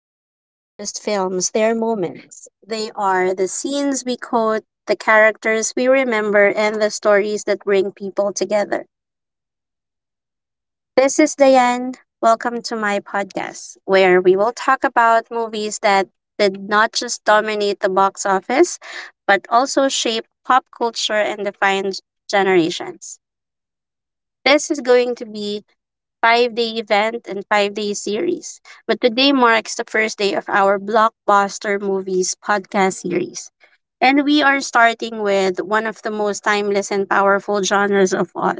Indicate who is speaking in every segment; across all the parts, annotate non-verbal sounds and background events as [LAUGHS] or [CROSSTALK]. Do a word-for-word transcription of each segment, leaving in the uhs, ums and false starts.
Speaker 1: movies aren't just films, they're moments. They are the scenes we quote, the characters we remember, and the stories that bring people together. This is Diane. Welcome to my podcast, where we will talk about movies that did not just dominate the box office, but also shape pop culture and define generations. This is going to be five day event and five day series. But today marks the first day of our blockbuster movies podcast series. And we are starting with one of the most timeless and powerful genres of all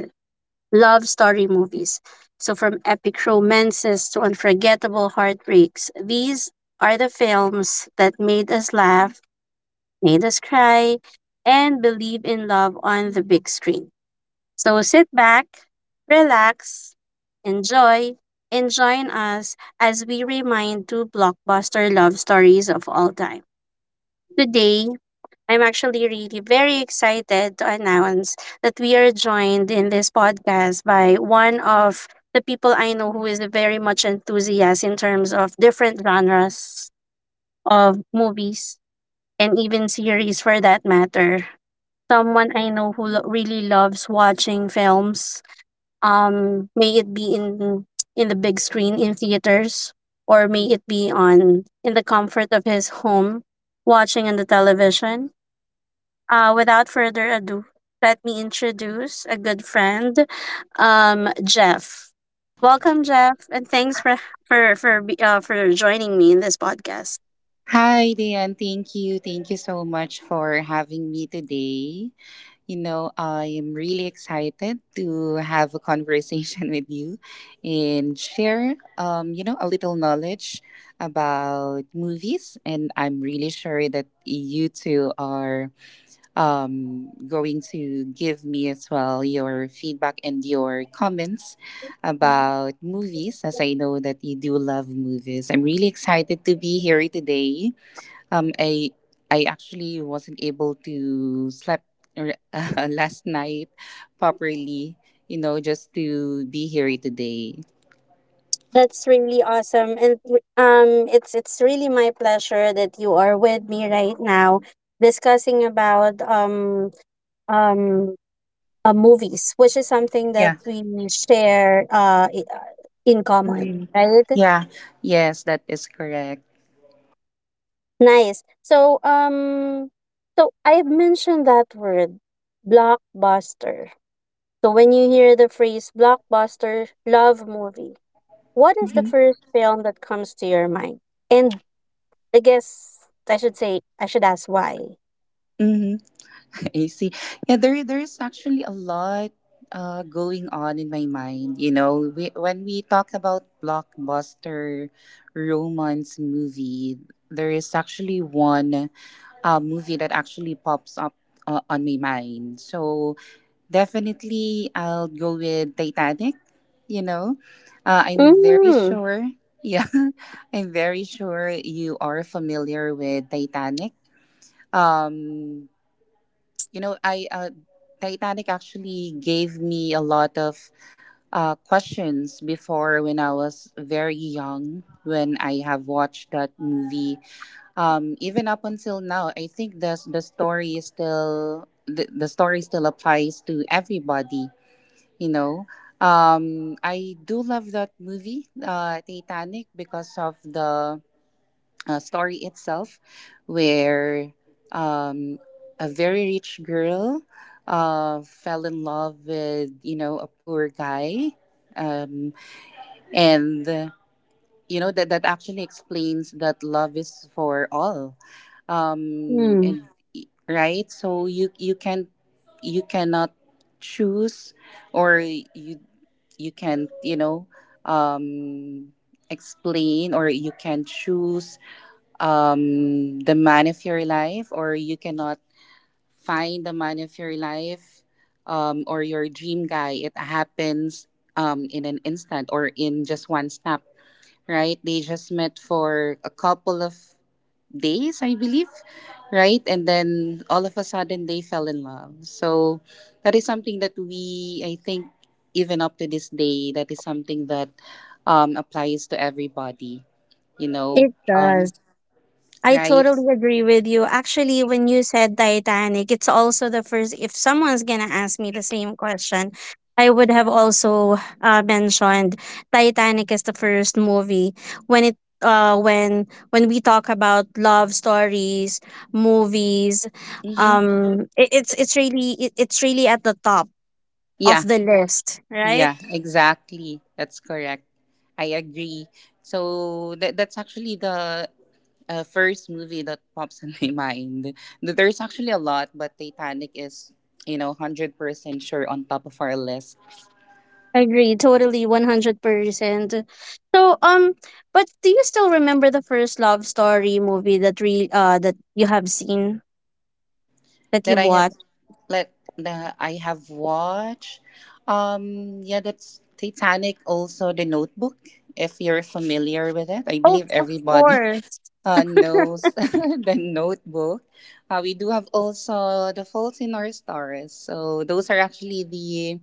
Speaker 1: love story movies. So, from epic romances to unforgettable heartbreaks, these are the films that made us laugh, made us cry, and believe in love on the big screen. So sit back, relax, enjoy, and join us as we remind two blockbuster love stories of all time. Today, I'm actually really very excited to announce that we are joined in this podcast by one of the people I know who is very much enthusiast in terms of different genres of movies, and even series for that matter. Someone I know who lo- really loves watching films. Um may it be in in the big screen in theaters, or may it be on in the comfort of his home watching on the television. Uh without further ado, let me introduce a good friend, um Jeff. Welcome, Jeff, and thanks for for for be- uh, for joining me in this podcast.
Speaker 2: Hi, Dan. Thank you. Thank you so much for having me today. You know, I'm really excited to have a conversation [LAUGHS] with you and share, um, you know, a little knowledge about movies. And I'm really sure that you two are um, going to give me as well your feedback and your comments about movies, as I know that you do love movies. I'm really excited to be here today um, I I actually wasn't able to sleep r- [LAUGHS] uh, last night properly. You know, just to be here today.
Speaker 1: That's really awesome. And um, it's it's really my pleasure that you are with me right now, discussing about um um uh, movies, which is something that
Speaker 2: Yeah.
Speaker 1: we share uh i- uh, in common,
Speaker 2: Mm.
Speaker 1: right?
Speaker 2: Yeah. Yes, that is correct.
Speaker 1: Nice. So um, so I've mentioned that word, blockbuster. So when you hear the phrase blockbuster love movie, what is the
Speaker 2: Mm-hmm.
Speaker 1: first film that comes to your mind? And I guess I should say, I should ask why.
Speaker 2: Mm-hmm. [LAUGHS] I see. Yeah, there there is actually a lot uh, going on in my mind. You know, we, when we talk about blockbuster romance movie, there is actually one uh, movie that actually pops up uh, on my mind. So definitely, I'll go with Titanic. You know, uh, I'm very
Speaker 1: Mm,
Speaker 2: sure. Yeah, [LAUGHS] I'm very sure you are familiar with Titanic. Um, you know, I uh, Titanic actually gave me a lot of uh, questions before when I was very young when I have watched that movie, um, even up until now, I think the the story is still the, the story still applies to everybody. You know, um, I do love that movie, uh, Titanic, because of the uh, story itself, where, um, a very rich girl uh, fell in love with you know a poor guy, um, and you know that that actually explains that love is for all um
Speaker 1: mm,
Speaker 2: and Right, so you you can, you cannot choose, or you, you can you know um explain, or you can choose um the man of your life, or you cannot find the man of your life um or your dream guy. It happens um in an instant or in just one snap, right? They just met for a couple of days, I believe, right? And then all of a sudden they fell in love. So that is something that we, I think, even up to this day, that is something that um, applies to everybody, you know,
Speaker 1: it
Speaker 2: um,
Speaker 1: does. I
Speaker 2: right?
Speaker 1: totally agree with you. Actually, when you said Titanic, it's also the first. If someone's going to ask me the same question, I would have also uh, mentioned Titanic as the first movie when it uh when when we talk about love stories movies.
Speaker 2: Mm-hmm.
Speaker 1: um it, it's it's really it, it's really at the top of
Speaker 2: Yeah,
Speaker 1: the list, right?
Speaker 2: yeah, exactly. That's correct. I agree. So that that's actually the uh, first movie that pops in [LAUGHS] my mind. Th- There's actually a lot, but Titanic is, you know, hundred percent sure on top of our list
Speaker 1: Agree, totally, one hundred percent. So, um, but do you still remember the first love story movie that re uh that you have seen, that
Speaker 2: that
Speaker 1: you've
Speaker 2: I have
Speaker 1: watched?
Speaker 2: let that I have watched. Um, yeah, that's Titanic. Also, The Notebook. If you're familiar with it, I
Speaker 1: Oh,
Speaker 2: believe
Speaker 1: of
Speaker 2: everybody
Speaker 1: course.
Speaker 2: uh, knows [LAUGHS]
Speaker 1: [LAUGHS]
Speaker 2: The Notebook. Uh, we do have also The Fault in Our Stars. So those are actually the,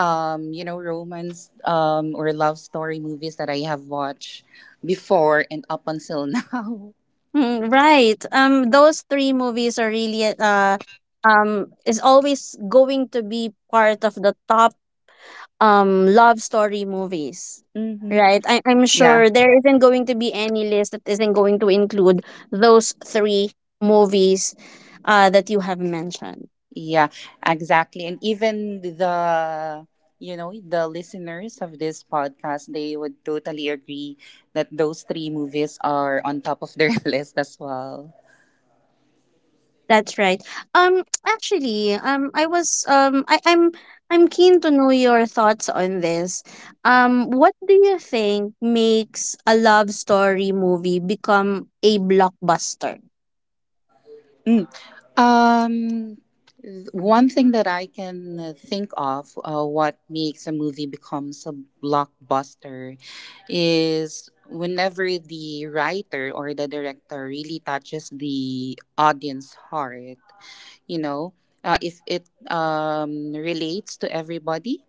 Speaker 2: um, you know, romance um, or love story movies that I have watched before and up until [LAUGHS] now.
Speaker 1: Mm, right. Um, those three movies are really uh um is always going to be part of the top um love story movies.
Speaker 2: Hmm.
Speaker 1: Right. I, I'm
Speaker 2: Yeah,
Speaker 1: sure there isn't going to be any list that isn't going to include those three movies uh that you have mentioned.
Speaker 2: yeah, exactly. And even the, you know, the listeners of this podcast, they would totally agree that those three movies are on top of their [LAUGHS] list as well.
Speaker 1: That's right. Um, [TSK] actually, um, I was um, I, I'm I'm keen to know your thoughts on this. Um, what do you think makes a love story movie become a blockbuster?
Speaker 2: Um, th- One thing that I can uh, think of, uh, what makes a movie becomes a blockbuster, is whenever the writer or the director really touches the audience heart. You know, uh, if it um relates to everybody,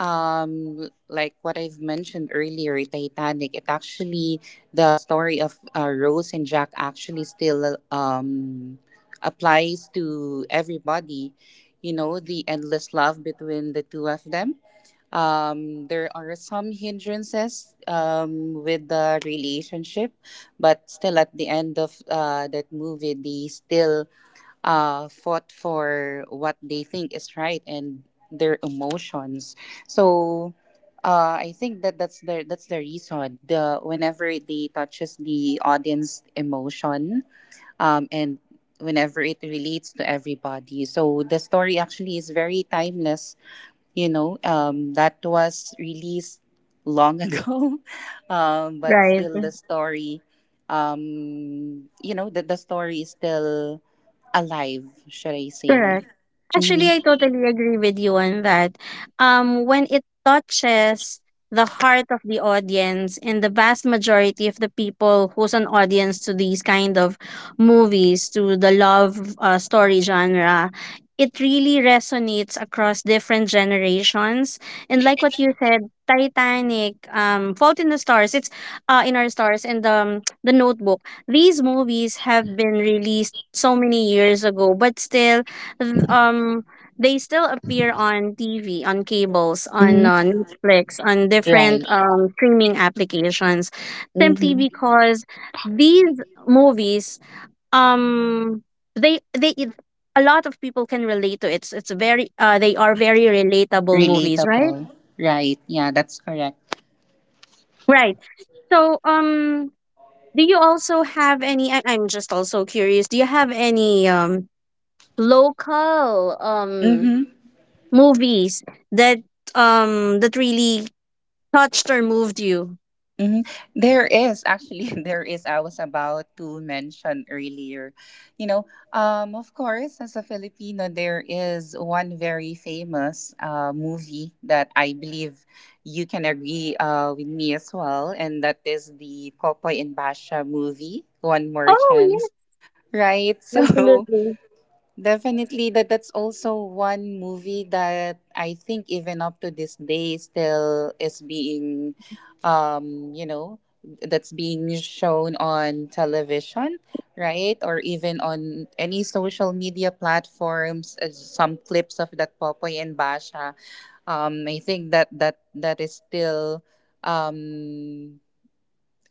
Speaker 2: um like what I've mentioned earlier, Titanic, it actually, the story of, uh, Rose and Jack, actually still um applies to everybody. You know, the endless love between the two of them, um there are some hindrances um with the relationship, but still at the end of uh, that movie they still uh, fought for what they think is right, and their emotions. So uh, I think that that's the that's the reason. The Whenever they touches the audience emotion, um, and whenever it relates to everybody, so the story actually is very timeless. You know, um, that was released long [LAUGHS] ago, um, but
Speaker 1: Right.
Speaker 2: still the story, um you know, that the the story is still alive, should I say?
Speaker 1: Correct. Actually,
Speaker 2: Mm-hmm.
Speaker 1: I totally agree with you on that. Um, when it touches the heart of the audience and the vast majority of the people who's an audience to these kind of movies, to the love uh, story genre, it really resonates across different generations. And like what you said, Titanic, um, Fault in the Stars, it's uh, in our stars, and um, the Notebook. These movies have been released so many years ago, but still th- um they still appear on T V, on cables, on uh,
Speaker 2: Hmm.
Speaker 1: Netflix, on
Speaker 2: Right.
Speaker 1: different um, streaming applications, simply
Speaker 2: Mm-hmm.
Speaker 1: because these movies, um, they they it- a lot of people can relate to it. It's it's very uh, They are very relatable movies, right?
Speaker 2: Relatable. Right. Yeah, that's correct.
Speaker 1: Right. So um, do you also have any? I, I'm just also curious. Do you have any um local um
Speaker 2: Mm-hmm.
Speaker 1: movies that um that really touched or moved you.
Speaker 2: Mm-hmm. There is actually [LAUGHS] there is, I was about to mention earlier. You know, um of course, as a Filipino, there is one very famous uh movie that I believe you can agree uh with me as well, and that is the Popoy and Basha movie, One More
Speaker 1: Oh,
Speaker 2: Chance.
Speaker 1: yes,
Speaker 2: Right. [LAUGHS] So
Speaker 1: absolutely.
Speaker 2: definitely, that that's also one movie that I think even up to this day still is being, um, you know, that's being shown on television, right? Or even on any social media platforms. Uh, some clips of that Popoy and Basha. Um, I think that that that is still, um,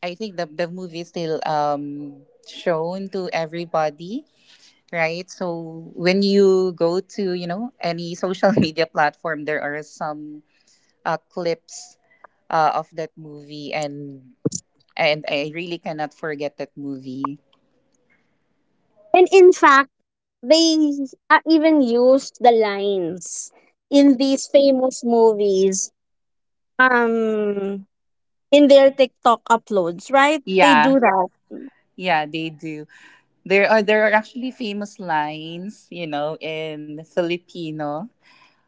Speaker 2: I think the the movie is still um shown to everybody, right? So when you go to, you know, any social [LAUGHS] media platform, there are some uh, clips uh, of that movie, and and I really cannot forget that movie.
Speaker 1: And in fact, they uh, even used the lines in these famous movies um in their TikTok uploads, right? They
Speaker 2: Yeah,
Speaker 1: do that.
Speaker 2: yeah, they do. There are there are actually famous lines, you know, in Filipino.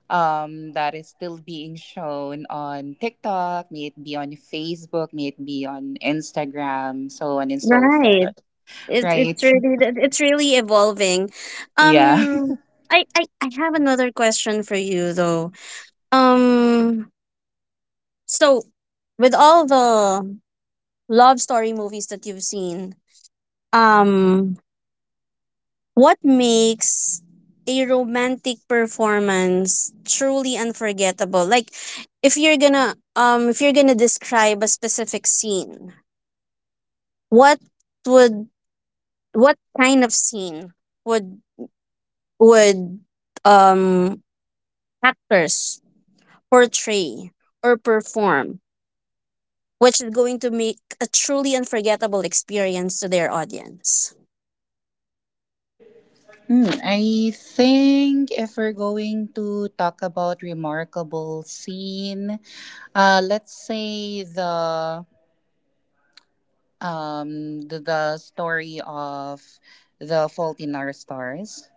Speaker 2: Um, that is still being shown on TikTok, may it be on Facebook, may it be on Instagram, so on and so
Speaker 1: Right.
Speaker 2: forth.
Speaker 1: It's
Speaker 2: Right?
Speaker 1: it's really that- it's really evolving.
Speaker 2: Yeah.
Speaker 1: um I, I i have another question for you though. um so with all the love story movies that you've seen, um what makes a romantic performance truly unforgettable? Like, if you're gonna um if you're gonna describe a specific scene, what would what kind of scene would would um actors portray or perform, which is going to make a truly unforgettable experience to their audience.
Speaker 2: Hmm, I think if we're going to talk about remarkable scene, uh, let's say the, um the, the story of the Fault in Our Stars,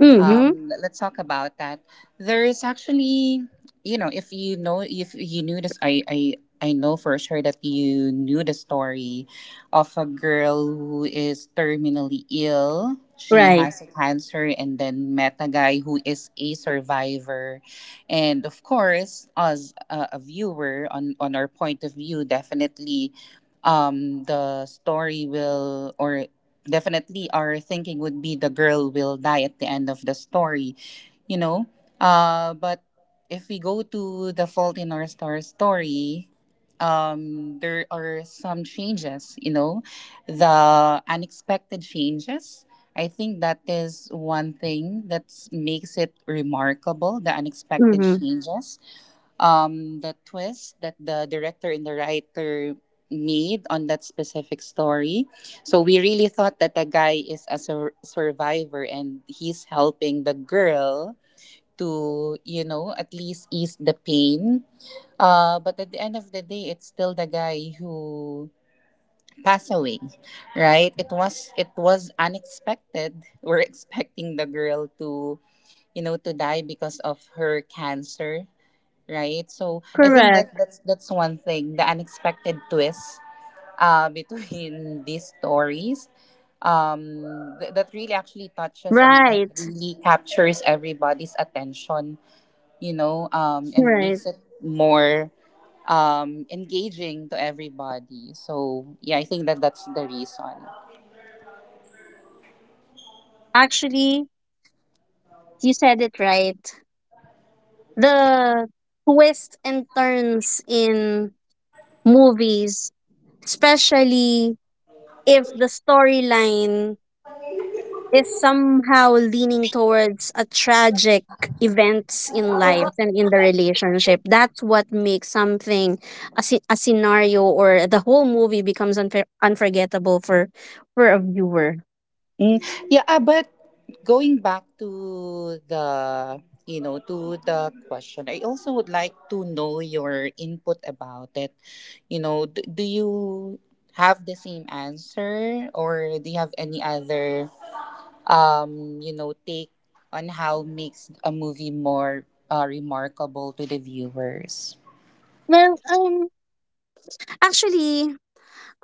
Speaker 1: Mm-hmm.
Speaker 2: um, let's talk about that. There is actually, you know, if you know, if you knew this, I, I, I know for sure that you knew the story of a girl who is terminally ill. She
Speaker 1: Right.
Speaker 2: has a cancer and then met a guy who is a survivor. And of course, as a, a viewer, on, on our point of view, definitely, um, the story will, or definitely our thinking would be the girl will die at the end of the story, you know. Uh, but if we go to the Fault in Our Star story, um, there are some changes, you know, the unexpected changes. I think that is one thing that makes it remarkable, the unexpected
Speaker 1: Mm-hmm.
Speaker 2: changes, um, the twist that the director and the writer made on that specific story. So we really thought that the guy is a sur- survivor and he's helping the girl to, you know, at least ease the pain. Uh, but at the end of the day, it's still the guy who passed away, right? It was it was unexpected. We're [LAUGHS] expecting the girl to, you know, to die because of her cancer, right? So I think that
Speaker 1: Correct.
Speaker 2: that's that's one thing, the unexpected twist uh between [LAUGHS] these stories, um th- that really actually touches and that
Speaker 1: Right.
Speaker 2: really captures everybody's attention, you know, um and
Speaker 1: Right.
Speaker 2: makes it more um engaging to everybody. So yeah, I think that that's the reason.
Speaker 1: Actually, you said it right. The twists and turns in movies, especially if the storyline is somehow leaning towards a tragic events in life and in the relationship, that's what makes something a, sce- a scenario, or the whole movie, becomes unfor- unforgettable for for a viewer.
Speaker 2: Mm, yeah, uh, but going back to the, you know to the question, I also would like to know your input about it. You know, d- do you have the same answer, or do you have any other um you know take on how makes a movie more uh, remarkable to the viewers?
Speaker 1: Well, um actually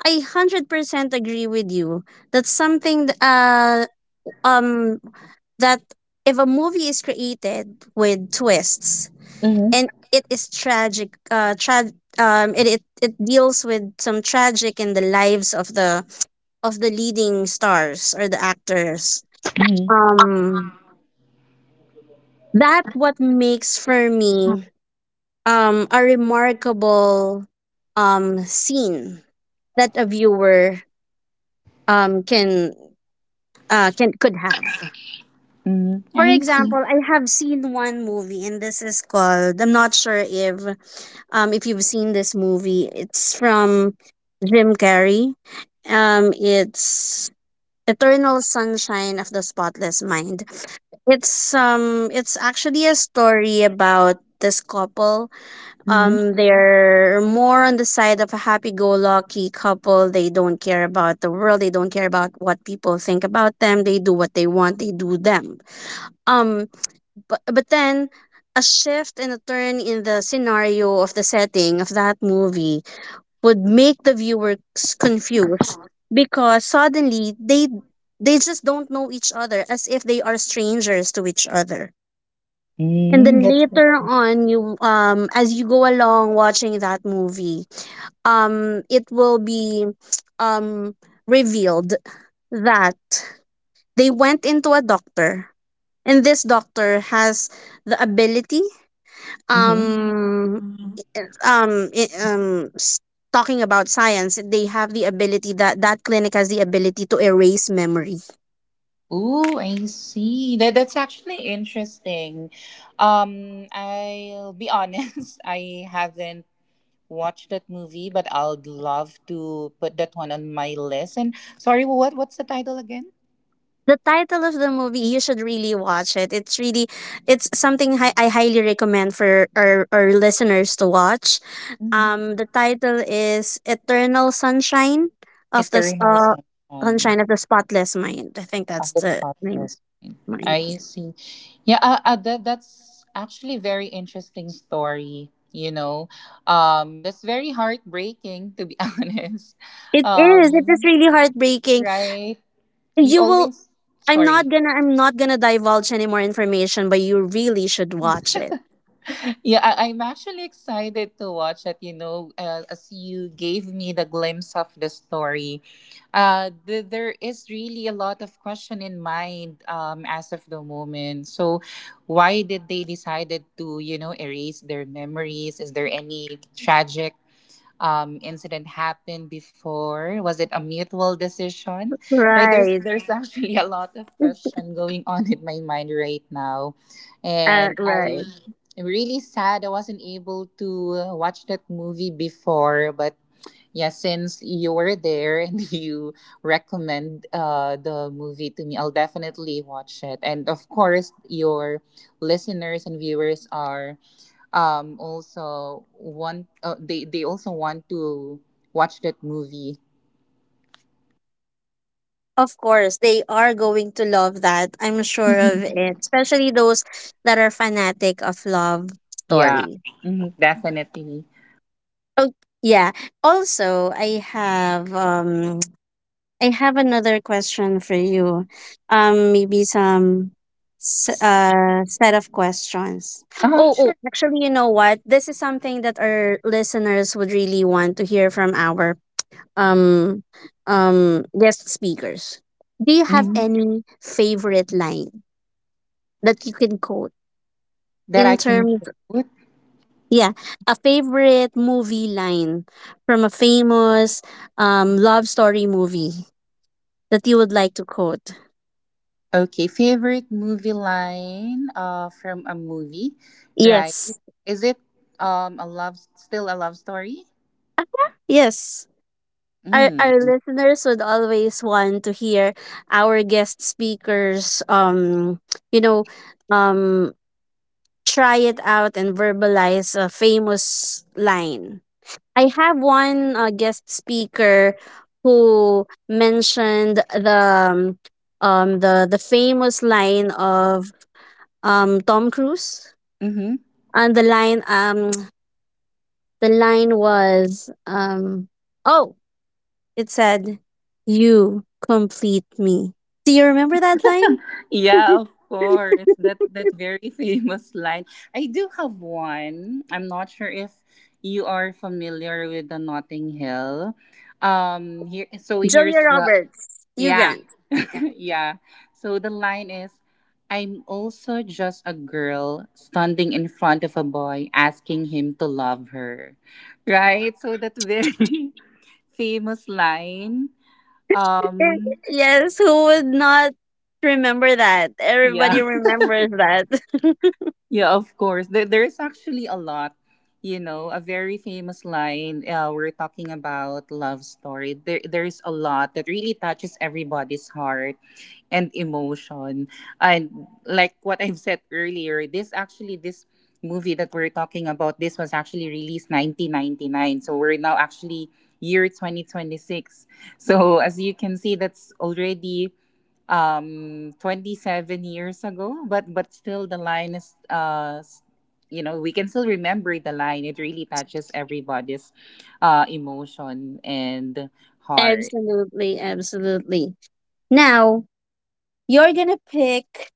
Speaker 1: I one hundred percent agree with you. That's something, th- uh um that if a movie is created with twists
Speaker 2: Mm-hmm.
Speaker 1: and it is tragic. Uh, tra- um, it, it it deals with some tragic in the lives of the of the leading stars or the actors.
Speaker 2: Mm-hmm.
Speaker 1: Um, that what makes for me um a remarkable um scene that a viewer um can uh can could have.
Speaker 2: Mm,
Speaker 1: For
Speaker 2: I see.
Speaker 1: example, I have seen one movie, and this is called. I'm not sure if, um, if you've seen this movie. It's from Jim Carrey. Um, it's Eternal Sunshine of the Spotless Mind. It's um, it's actually a story about this couple.
Speaker 2: Mm-hmm.
Speaker 1: Um, they're more on the side of a happy-go-lucky couple. They don't care about the world. They don't care about what people think about them. They do what they want. They do them. Um, but but then, a shift and a turn in the scenario of the setting of that movie would make the viewers confused, because suddenly they they just don't know each other, as if they are strangers to each other. And
Speaker 2: Mm,
Speaker 1: then
Speaker 2: that's good.
Speaker 1: later on, you um as you go along watching that movie, um it will be um revealed that they went into a doctor, and this doctor has the ability,
Speaker 2: Mm-hmm.
Speaker 1: um um i- um s- talking about science, they have the ability, that that clinic has the ability to erase memory.
Speaker 2: Ooh, I see. That that's actually interesting. Um, I'll be honest, [LAUGHS] I haven't watched that movie, but I'd love to put that one on my list. And sorry, what what's the title again?
Speaker 1: The title of the movie, you should really watch it. It's really it's something hi- i highly recommend for our, our listeners to watch.
Speaker 2: Mhm.
Speaker 1: Um the title is Eternal Sunshine of the S-
Speaker 2: Eternal
Speaker 1: uh
Speaker 2: Sunshine
Speaker 1: Sunshine of the Spotless Mind, I think
Speaker 2: of
Speaker 1: that's
Speaker 2: the
Speaker 1: the name.
Speaker 2: Spotless Mind.
Speaker 1: Mind.
Speaker 2: I see. Yeah, uh, uh, that that's actually very interesting story. You know, um, that's very heartbreaking to be [LAUGHS] honest.
Speaker 1: it is it is
Speaker 2: Um,
Speaker 1: really heartbreaking.
Speaker 2: right. we
Speaker 1: You will
Speaker 2: always
Speaker 1: I'm not
Speaker 2: sorry
Speaker 1: gonna I'm not gonna divulge any more information, but you really should watch it.
Speaker 2: yeah I, I'm actually excited to watch it. You know, uh, as you gave me the glimpse of the story, uh th- there is really a lot of question in mind, um as of the moment. So why did they decided to, you know, erase their memories? Is there any tragic, um incident happened before? Was it a mutual decision? Right, there's
Speaker 1: Right.
Speaker 2: there's [LAUGHS] actually a lot of question going on in my mind right now.
Speaker 1: Uh,
Speaker 2: And I
Speaker 1: right.
Speaker 2: am really sad I wasn't able to watch that movie before, but yeah, since you were there and [LAUGHS] you recommend uh, the movie to me, I'll definitely watch it. And of course, your listeners and viewers are um also want, uh, they they also want to watch that movie.
Speaker 1: Of course, they are going to love that. I'm sure of
Speaker 2: Mhm.
Speaker 1: it, especially those that are fanatic of love
Speaker 2: Yeah.
Speaker 1: story.
Speaker 2: Mhm, definitely.
Speaker 1: Oh, yeah. Also, I have um I have another question for you. Um, maybe some s- uh set of questions.
Speaker 2: Uh-huh,
Speaker 1: Oh, oh,
Speaker 2: sure.
Speaker 1: actually, you know what? This is something that our listeners would really want to hear from our um um guest speakers. Do you have
Speaker 2: Mhm.
Speaker 1: any favorite line that you can quote
Speaker 2: that I
Speaker 1: in
Speaker 2: can
Speaker 1: terms?
Speaker 2: put
Speaker 1: Yeah, a favorite movie line from a famous um love story movie that you would like to quote.
Speaker 2: okay favorite movie line uh from a movie, right?
Speaker 1: Yes.
Speaker 2: Is it um a love, still a love story?
Speaker 1: Yes. Our, our
Speaker 2: Mm.
Speaker 1: listeners would always want to hear our guest speakers, um you know um try it out and verbalize a famous line. I have one uh, guest speaker who mentioned the um um, the the famous line of um Tom Cruise,
Speaker 2: Mm-hmm.
Speaker 1: and the line um [TSK] the line was um oh it said, "You complete me." Do you remember that line?
Speaker 2: Yeah,
Speaker 1: [LAUGHS]
Speaker 2: of course. That that very [LAUGHS] famous line. I do have one. I'm not sure if you are familiar with the Notting Hill. Um, here, so here's
Speaker 1: Julia
Speaker 2: the
Speaker 1: Roberts, you
Speaker 2: yeah.
Speaker 1: Grant.
Speaker 2: [LAUGHS]
Speaker 1: Yeah.
Speaker 2: Yeah. So the line is, I'm also just a girl standing in front of a boy asking him to love her. Right? So that very [LAUGHS] famous line.
Speaker 1: And-
Speaker 2: Um
Speaker 1: Yes, who would not remember that?
Speaker 2: yeah.
Speaker 1: Everybody remembers that. [LAUGHS]
Speaker 2: Yeah, of course. There, there's actually a lot, you know, a very famous line. Uh, we're talking about love story. There, there's a lot that really touches everybody's heart and emotion. And like what I've said earlier, this actually this movie that we're talking about, this was actually released nineteen ninety-nine. So we're now actually year twenty twenty-six. So as you can see, that's already um twenty-seven years ago, but but still the line is uh s- you know we can still remember the line. It really touches everybody's uh emotion and heart.
Speaker 1: Absolutely, absolutely. Now, you're gonna pick,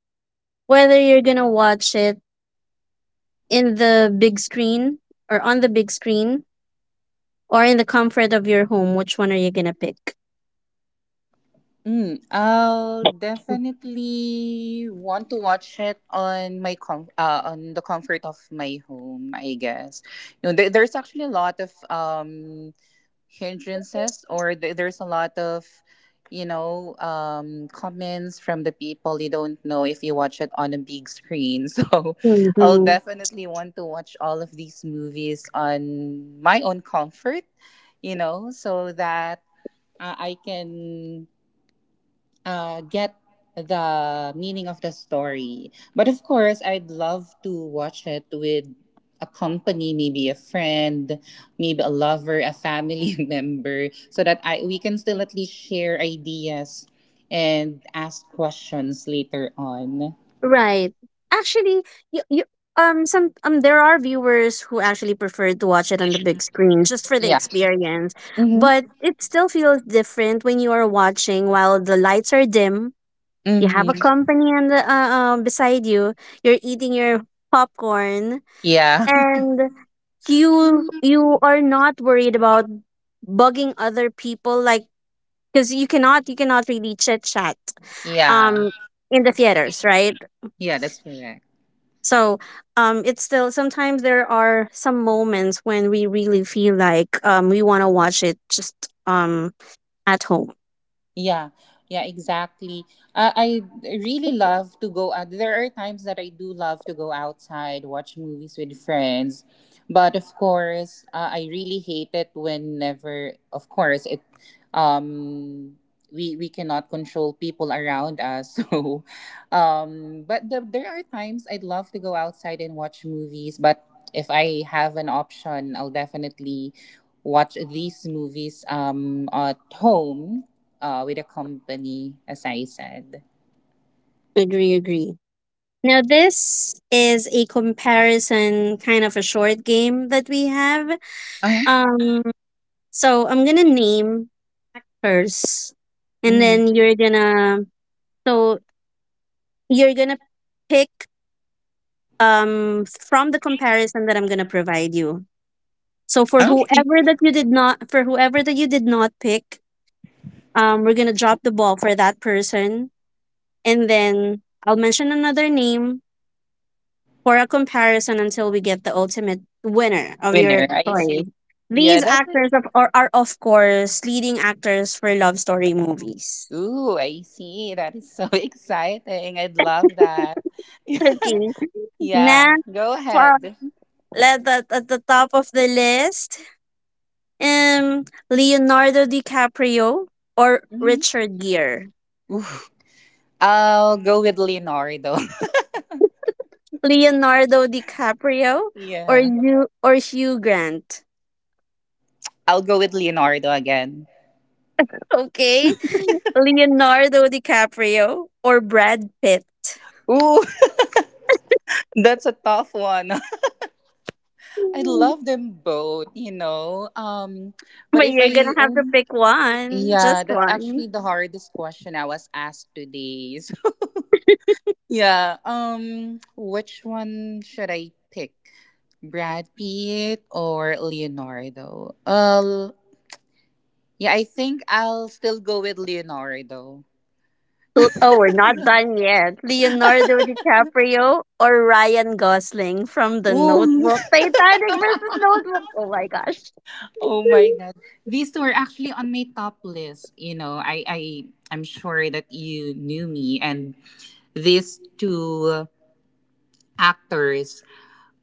Speaker 1: whether you're gonna watch it in the big screen or on the big screen or in the comfort of your home, which one are you gonna pick?
Speaker 2: mm, I'll definitely want to watch it on my com- uh, on the comfort of my home, I guess. You know there, there's actually a lot of um hindrances, or th- there's a lot of you know um comments from the people. You don't know if you watch it on a big screen, [LAUGHS] so I'll
Speaker 1: Mm-hmm.
Speaker 2: definitely want to watch all of these movies on my own comfort, you know so that uh, I can uh, get the meaning of the story. But of course, I'd love to watch it with a company, maybe a friend, maybe a lover, a family [LAUGHS] member, so that I we can still at least share ideas and ask questions later on.
Speaker 1: Right. Actually, you, you um some um there are viewers who actually prefer to watch it on the big screen just for the
Speaker 2: Yeah.
Speaker 1: experience,
Speaker 2: Mm-hmm.
Speaker 1: but it still feels different when you are watching while the lights are dim. You have a
Speaker 2: Mm-hmm.
Speaker 1: company on the uh, uh, beside you. You're eating your popcorn,
Speaker 2: Yeah. [LAUGHS]
Speaker 1: and you you are not worried about bugging other people, like, because you cannot you cannot really chit chat
Speaker 2: Yeah.
Speaker 1: um in the theaters, right?
Speaker 2: Yeah, that's correct.
Speaker 1: So um it's still, sometimes there are some moments when we really feel like um we want to watch it just um at home.
Speaker 2: Yeah, yeah, exactly. Uh, I really love to go out. There are times that I do love to go outside, watch movies with friends. But of course, uh, I really hate it whenever, of course, it um we we cannot control people around us. [LAUGHS] So um but the, there are times I'd love to go outside and watch movies, but if I have an option, I'll definitely watch these movies um at home, uh, with a company, as I said.
Speaker 1: Agree, agree. Now, this is a comparison kind of a short game that we have.
Speaker 2: Uh,
Speaker 1: Um, so I'm gonna name first, and then
Speaker 2: hmm
Speaker 1: you're gonna so you're gonna pick um from the comparison that I'm gonna provide you. So for
Speaker 2: okay.
Speaker 1: whoever that you did not for whoever that you did not pick, um, we're gonna drop the ball for that person, and then I'll mention another name for a comparison until we get the ultimate winner of your
Speaker 2: Winner, I see.
Speaker 1: choice.
Speaker 2: Yeah,
Speaker 1: These
Speaker 2: that is.
Speaker 1: actors of, are, are, of course, leading actors for love story movies.
Speaker 2: Ooh, I see. That is so [LAUGHS] exciting. I'd love that.
Speaker 1: Okay.
Speaker 2: [LAUGHS] Yeah,
Speaker 1: Next,
Speaker 2: go
Speaker 1: uh,
Speaker 2: ahead.
Speaker 1: let the, at the top of the list, um, Leonardo DiCaprio or
Speaker 2: Mhm.
Speaker 1: Richard Gere.
Speaker 2: Oof. I'll go with Leonardo.
Speaker 1: Leonardo DiCaprio
Speaker 2: [LAUGHS]
Speaker 1: or
Speaker 2: Yeah,
Speaker 1: you or Hugh Grant.
Speaker 2: I'll go with Leonardo again.
Speaker 1: Okay, Leonardo DiCaprio or Brad Pitt.
Speaker 2: Ooh, [LAUGHS] that's a tough one. [LAUGHS] I love them both, you know. Um, but
Speaker 1: But
Speaker 2: if
Speaker 1: you're
Speaker 2: I
Speaker 1: gonna have to
Speaker 2: only
Speaker 1: pick one,
Speaker 2: Yeah,
Speaker 1: just
Speaker 2: that's
Speaker 1: one.
Speaker 2: actually the hardest question I was asked today. [LAUGHS] So, yeah, um, which one should I pick? Brad Pitt or Leonardo? Uh, yeah, I think I'll still go with Leonardo.
Speaker 1: L- Oh, we're not done yet. Leonardo DiCaprio or Ryan Gosling from The
Speaker 2: Ooh.
Speaker 1: Notebook. Titanic
Speaker 2: [LAUGHS]
Speaker 1: versus Notebook. Oh my gosh.
Speaker 2: Oh my god.
Speaker 1: [LAUGHS]
Speaker 2: These two are actually on my top list. You know, I, I I'm sure that you knew me, and these two actors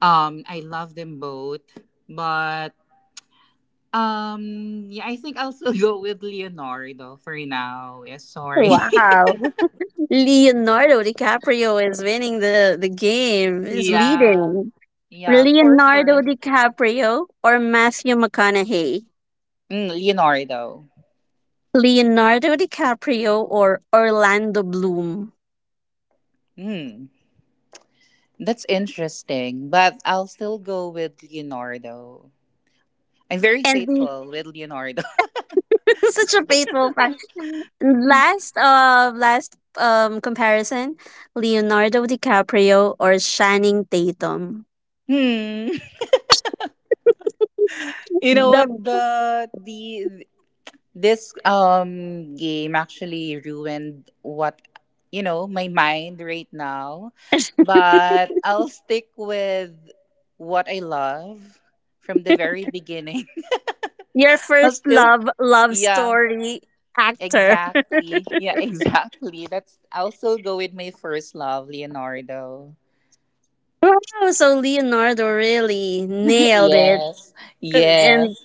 Speaker 2: um I love them both, but Um, yeah, I think I'll still [LAUGHS] go with Leonardo for now. Yeah, sorry.
Speaker 1: Wow. Leonardo DiCaprio is winning the, the game,
Speaker 2: [LAUGHS]
Speaker 1: is
Speaker 2: Yeah,
Speaker 1: leading.
Speaker 2: yeah, for
Speaker 1: Leonardo
Speaker 2: sure.
Speaker 1: DiCaprio or Matthew McConaughey?
Speaker 2: Mm, Leonardo.
Speaker 1: Leonardo DiCaprio or Orlando Bloom?
Speaker 2: Hmm, that's interesting, but I'll still go with Leonardo. I'm very
Speaker 1: And we
Speaker 2: faithful with Leonardo.
Speaker 1: [LAUGHS] Such a faithful fan. Last uh last um comparison, Leonardo DiCaprio or Channing Tatum.
Speaker 2: [LAUGHS] Hmm. You know what
Speaker 1: The
Speaker 2: the the This um game actually ruined what you know my mind right now, but I'll stick with what I love from the very beginning.
Speaker 1: Your
Speaker 2: [LAUGHS] I'll
Speaker 1: first
Speaker 2: still
Speaker 1: love, love
Speaker 2: yeah,
Speaker 1: story actor. [LAUGHS]
Speaker 2: exactly. Yeah, [LAUGHS] exactly. That's I'll still go with my first love, Leonardo.
Speaker 1: Wow, so Leonardo really
Speaker 2: [LAUGHS]
Speaker 1: nailed it.
Speaker 2: Yes. Yes.
Speaker 1: And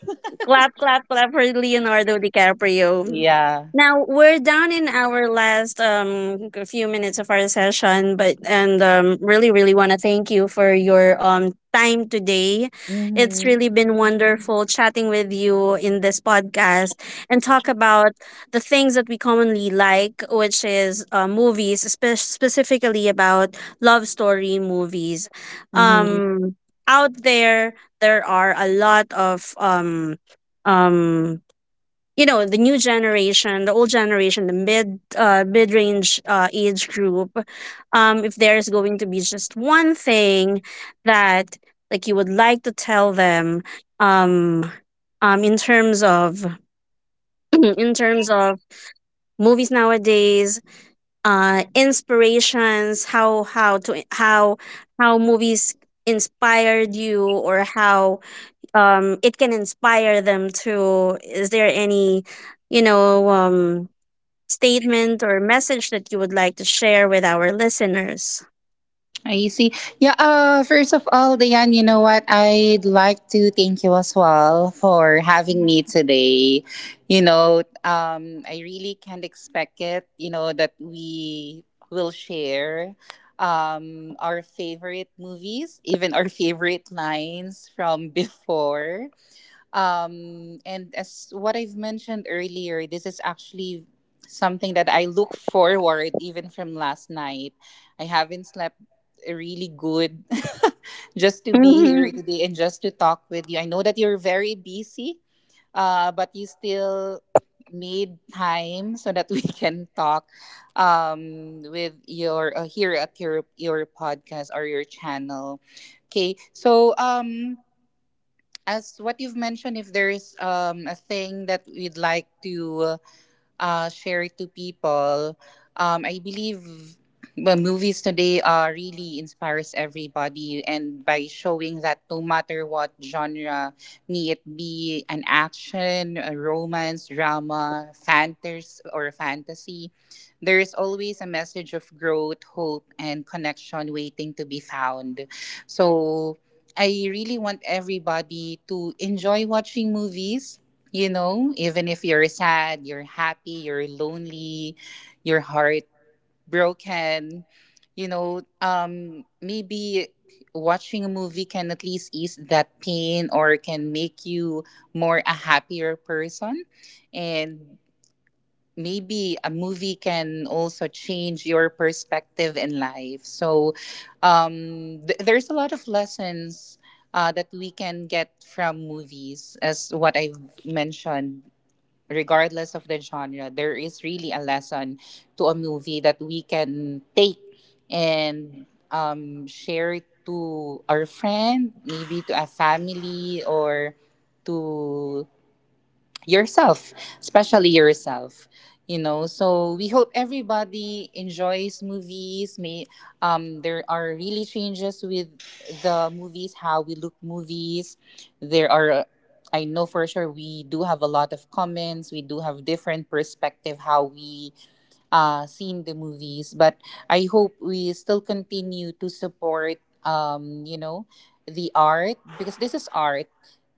Speaker 1: clap, clap, clap for Leonardo DiCaprio.
Speaker 2: Yeah.
Speaker 1: Now we're down in our last um g- few minutes of our session, but and um really really want to thank you for your um time today.
Speaker 2: Mhm.
Speaker 1: It's really been wonderful chatting with you in this podcast and talk about the things that we commonly like, which is uh, movies, spe- specifically about love story movies. Um, Out there, there are a lot of, um um you know the new generation, the old generation, the mid uh, mid-range uh, age group. Um if there's going to be just one thing that, like, you would like to tell them, um um in terms of, [CLEARS THROAT] in terms of movies nowadays, uh inspirations, how how to how how movies inspired you, or how um it can inspire them to, is there any, you know, um statement or message that you would like to share with our listeners?
Speaker 2: I see. Yeah, uh, first of all, Diane, you know what? I'd like to thank you as well for having me today. You know, um, I really can't expect it, you know, that we will share um, our favorite movies, even our favorite lines from [LAUGHS] before. Um, and as what I've mentioned earlier, this is actually something that I look forward even from last night. I haven't slept really good [LAUGHS] just to be here [LAUGHS]
Speaker 1: Mm-hmm.
Speaker 2: today and just to talk with you. I know that you're very busy, uh, but you still made time so that we [LAUGHS] can talk, um, with your uh, here at your your podcast or your channel. Okay, so um as what you've mentioned, if there's um, a thing that we'd like to uh, uh, share it to people. Um, I believe the movies today uh, really inspires everybody, and by showing that no matter what genre, may it be an action, a romance, drama, fantasy, or fantasy, there is always a message of growth, hope, and connection waiting to be found. So, I really want everybody to enjoy watching movies. You know, even if you're sad, you're happy, you're lonely, your heart broken, you know, um, maybe watching a movie can at least ease that pain or can make you more a happier person. And maybe a movie can also change your perspective in life. So um, th- there's a lot of lessons uh, that we can get from movies, as what I've mentioned. Regardless of the genre, there is really a lesson to a movie that we can take and um, share it to our friend, maybe to a family, or to yourself, especially yourself. You know, so we hope everybody enjoys movies. May um, there are really changes with the movies, how we look movies. There are, I know for sure, we do have a lot of comments. We do have different perspective how we uh, seen the movies. But I hope we still continue to support, um, you know, the art, because this is art.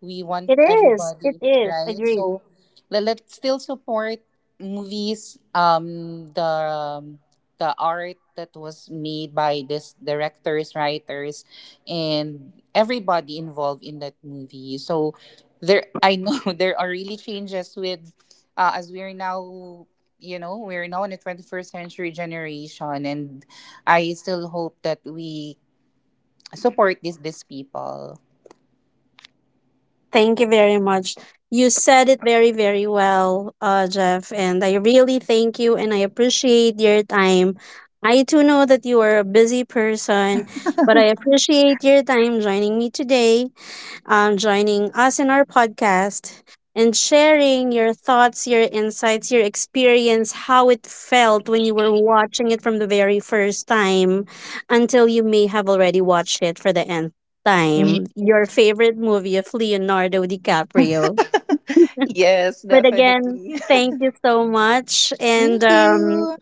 Speaker 2: We want
Speaker 1: it is it
Speaker 2: everybody,
Speaker 1: is
Speaker 2: right?
Speaker 1: agreed.
Speaker 2: So let, let's still support movies, um, the um, the art that was made by this directors, writers, and everybody involved in that movie. So there, I know [LAUGHS] there are really changes with, uh, as we are now, you know, we're now in the twenty-first century generation, and I still hope that we support these these people.
Speaker 1: Thank you very much. You said it very very well, uh Jeff, and I really thank you and I appreciate your time. I too know that you are a busy person, but I appreciate your time joining me today. Um, joining us in our podcast and sharing your thoughts, your insights, your experience, how it felt when you were watching it from the very first time until you may have already watched it for the nth
Speaker 2: Mm.
Speaker 1: time. Your favorite movie of Leonardo DiCaprio.
Speaker 2: [LAUGHS] Yes,
Speaker 1: But again,
Speaker 2: definitely.
Speaker 1: thank you so much.
Speaker 2: [LAUGHS] Thank
Speaker 1: And um,
Speaker 2: you.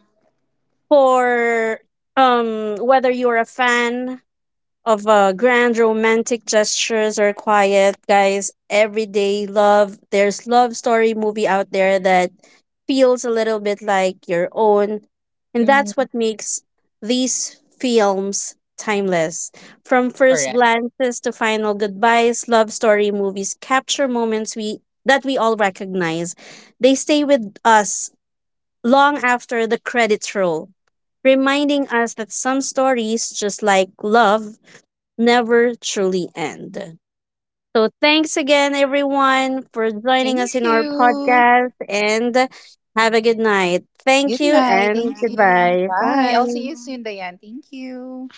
Speaker 1: for um, whether you're a fan of uh, grand romantic gestures or quiet, guys, everyday love. There's love story movie out there that feels a little bit like your own. And that's
Speaker 2: Mhm,
Speaker 1: what makes these films timeless. From first
Speaker 2: correct.
Speaker 1: glances to final goodbyes, love story movies capture moments we that we all recognize. They stay with us long after the credits roll, reminding us that some stories, just like love, never truly end. So, thanks again, everyone, for joining us
Speaker 2: Thank
Speaker 1: in our
Speaker 2: you.
Speaker 1: podcast and have a good night. Thank
Speaker 2: Good
Speaker 1: you
Speaker 2: night.
Speaker 1: and
Speaker 2: Thank you.
Speaker 1: goodbye.
Speaker 2: Bye. I'll
Speaker 1: Bye.
Speaker 2: see you soon, Diane. Thank you.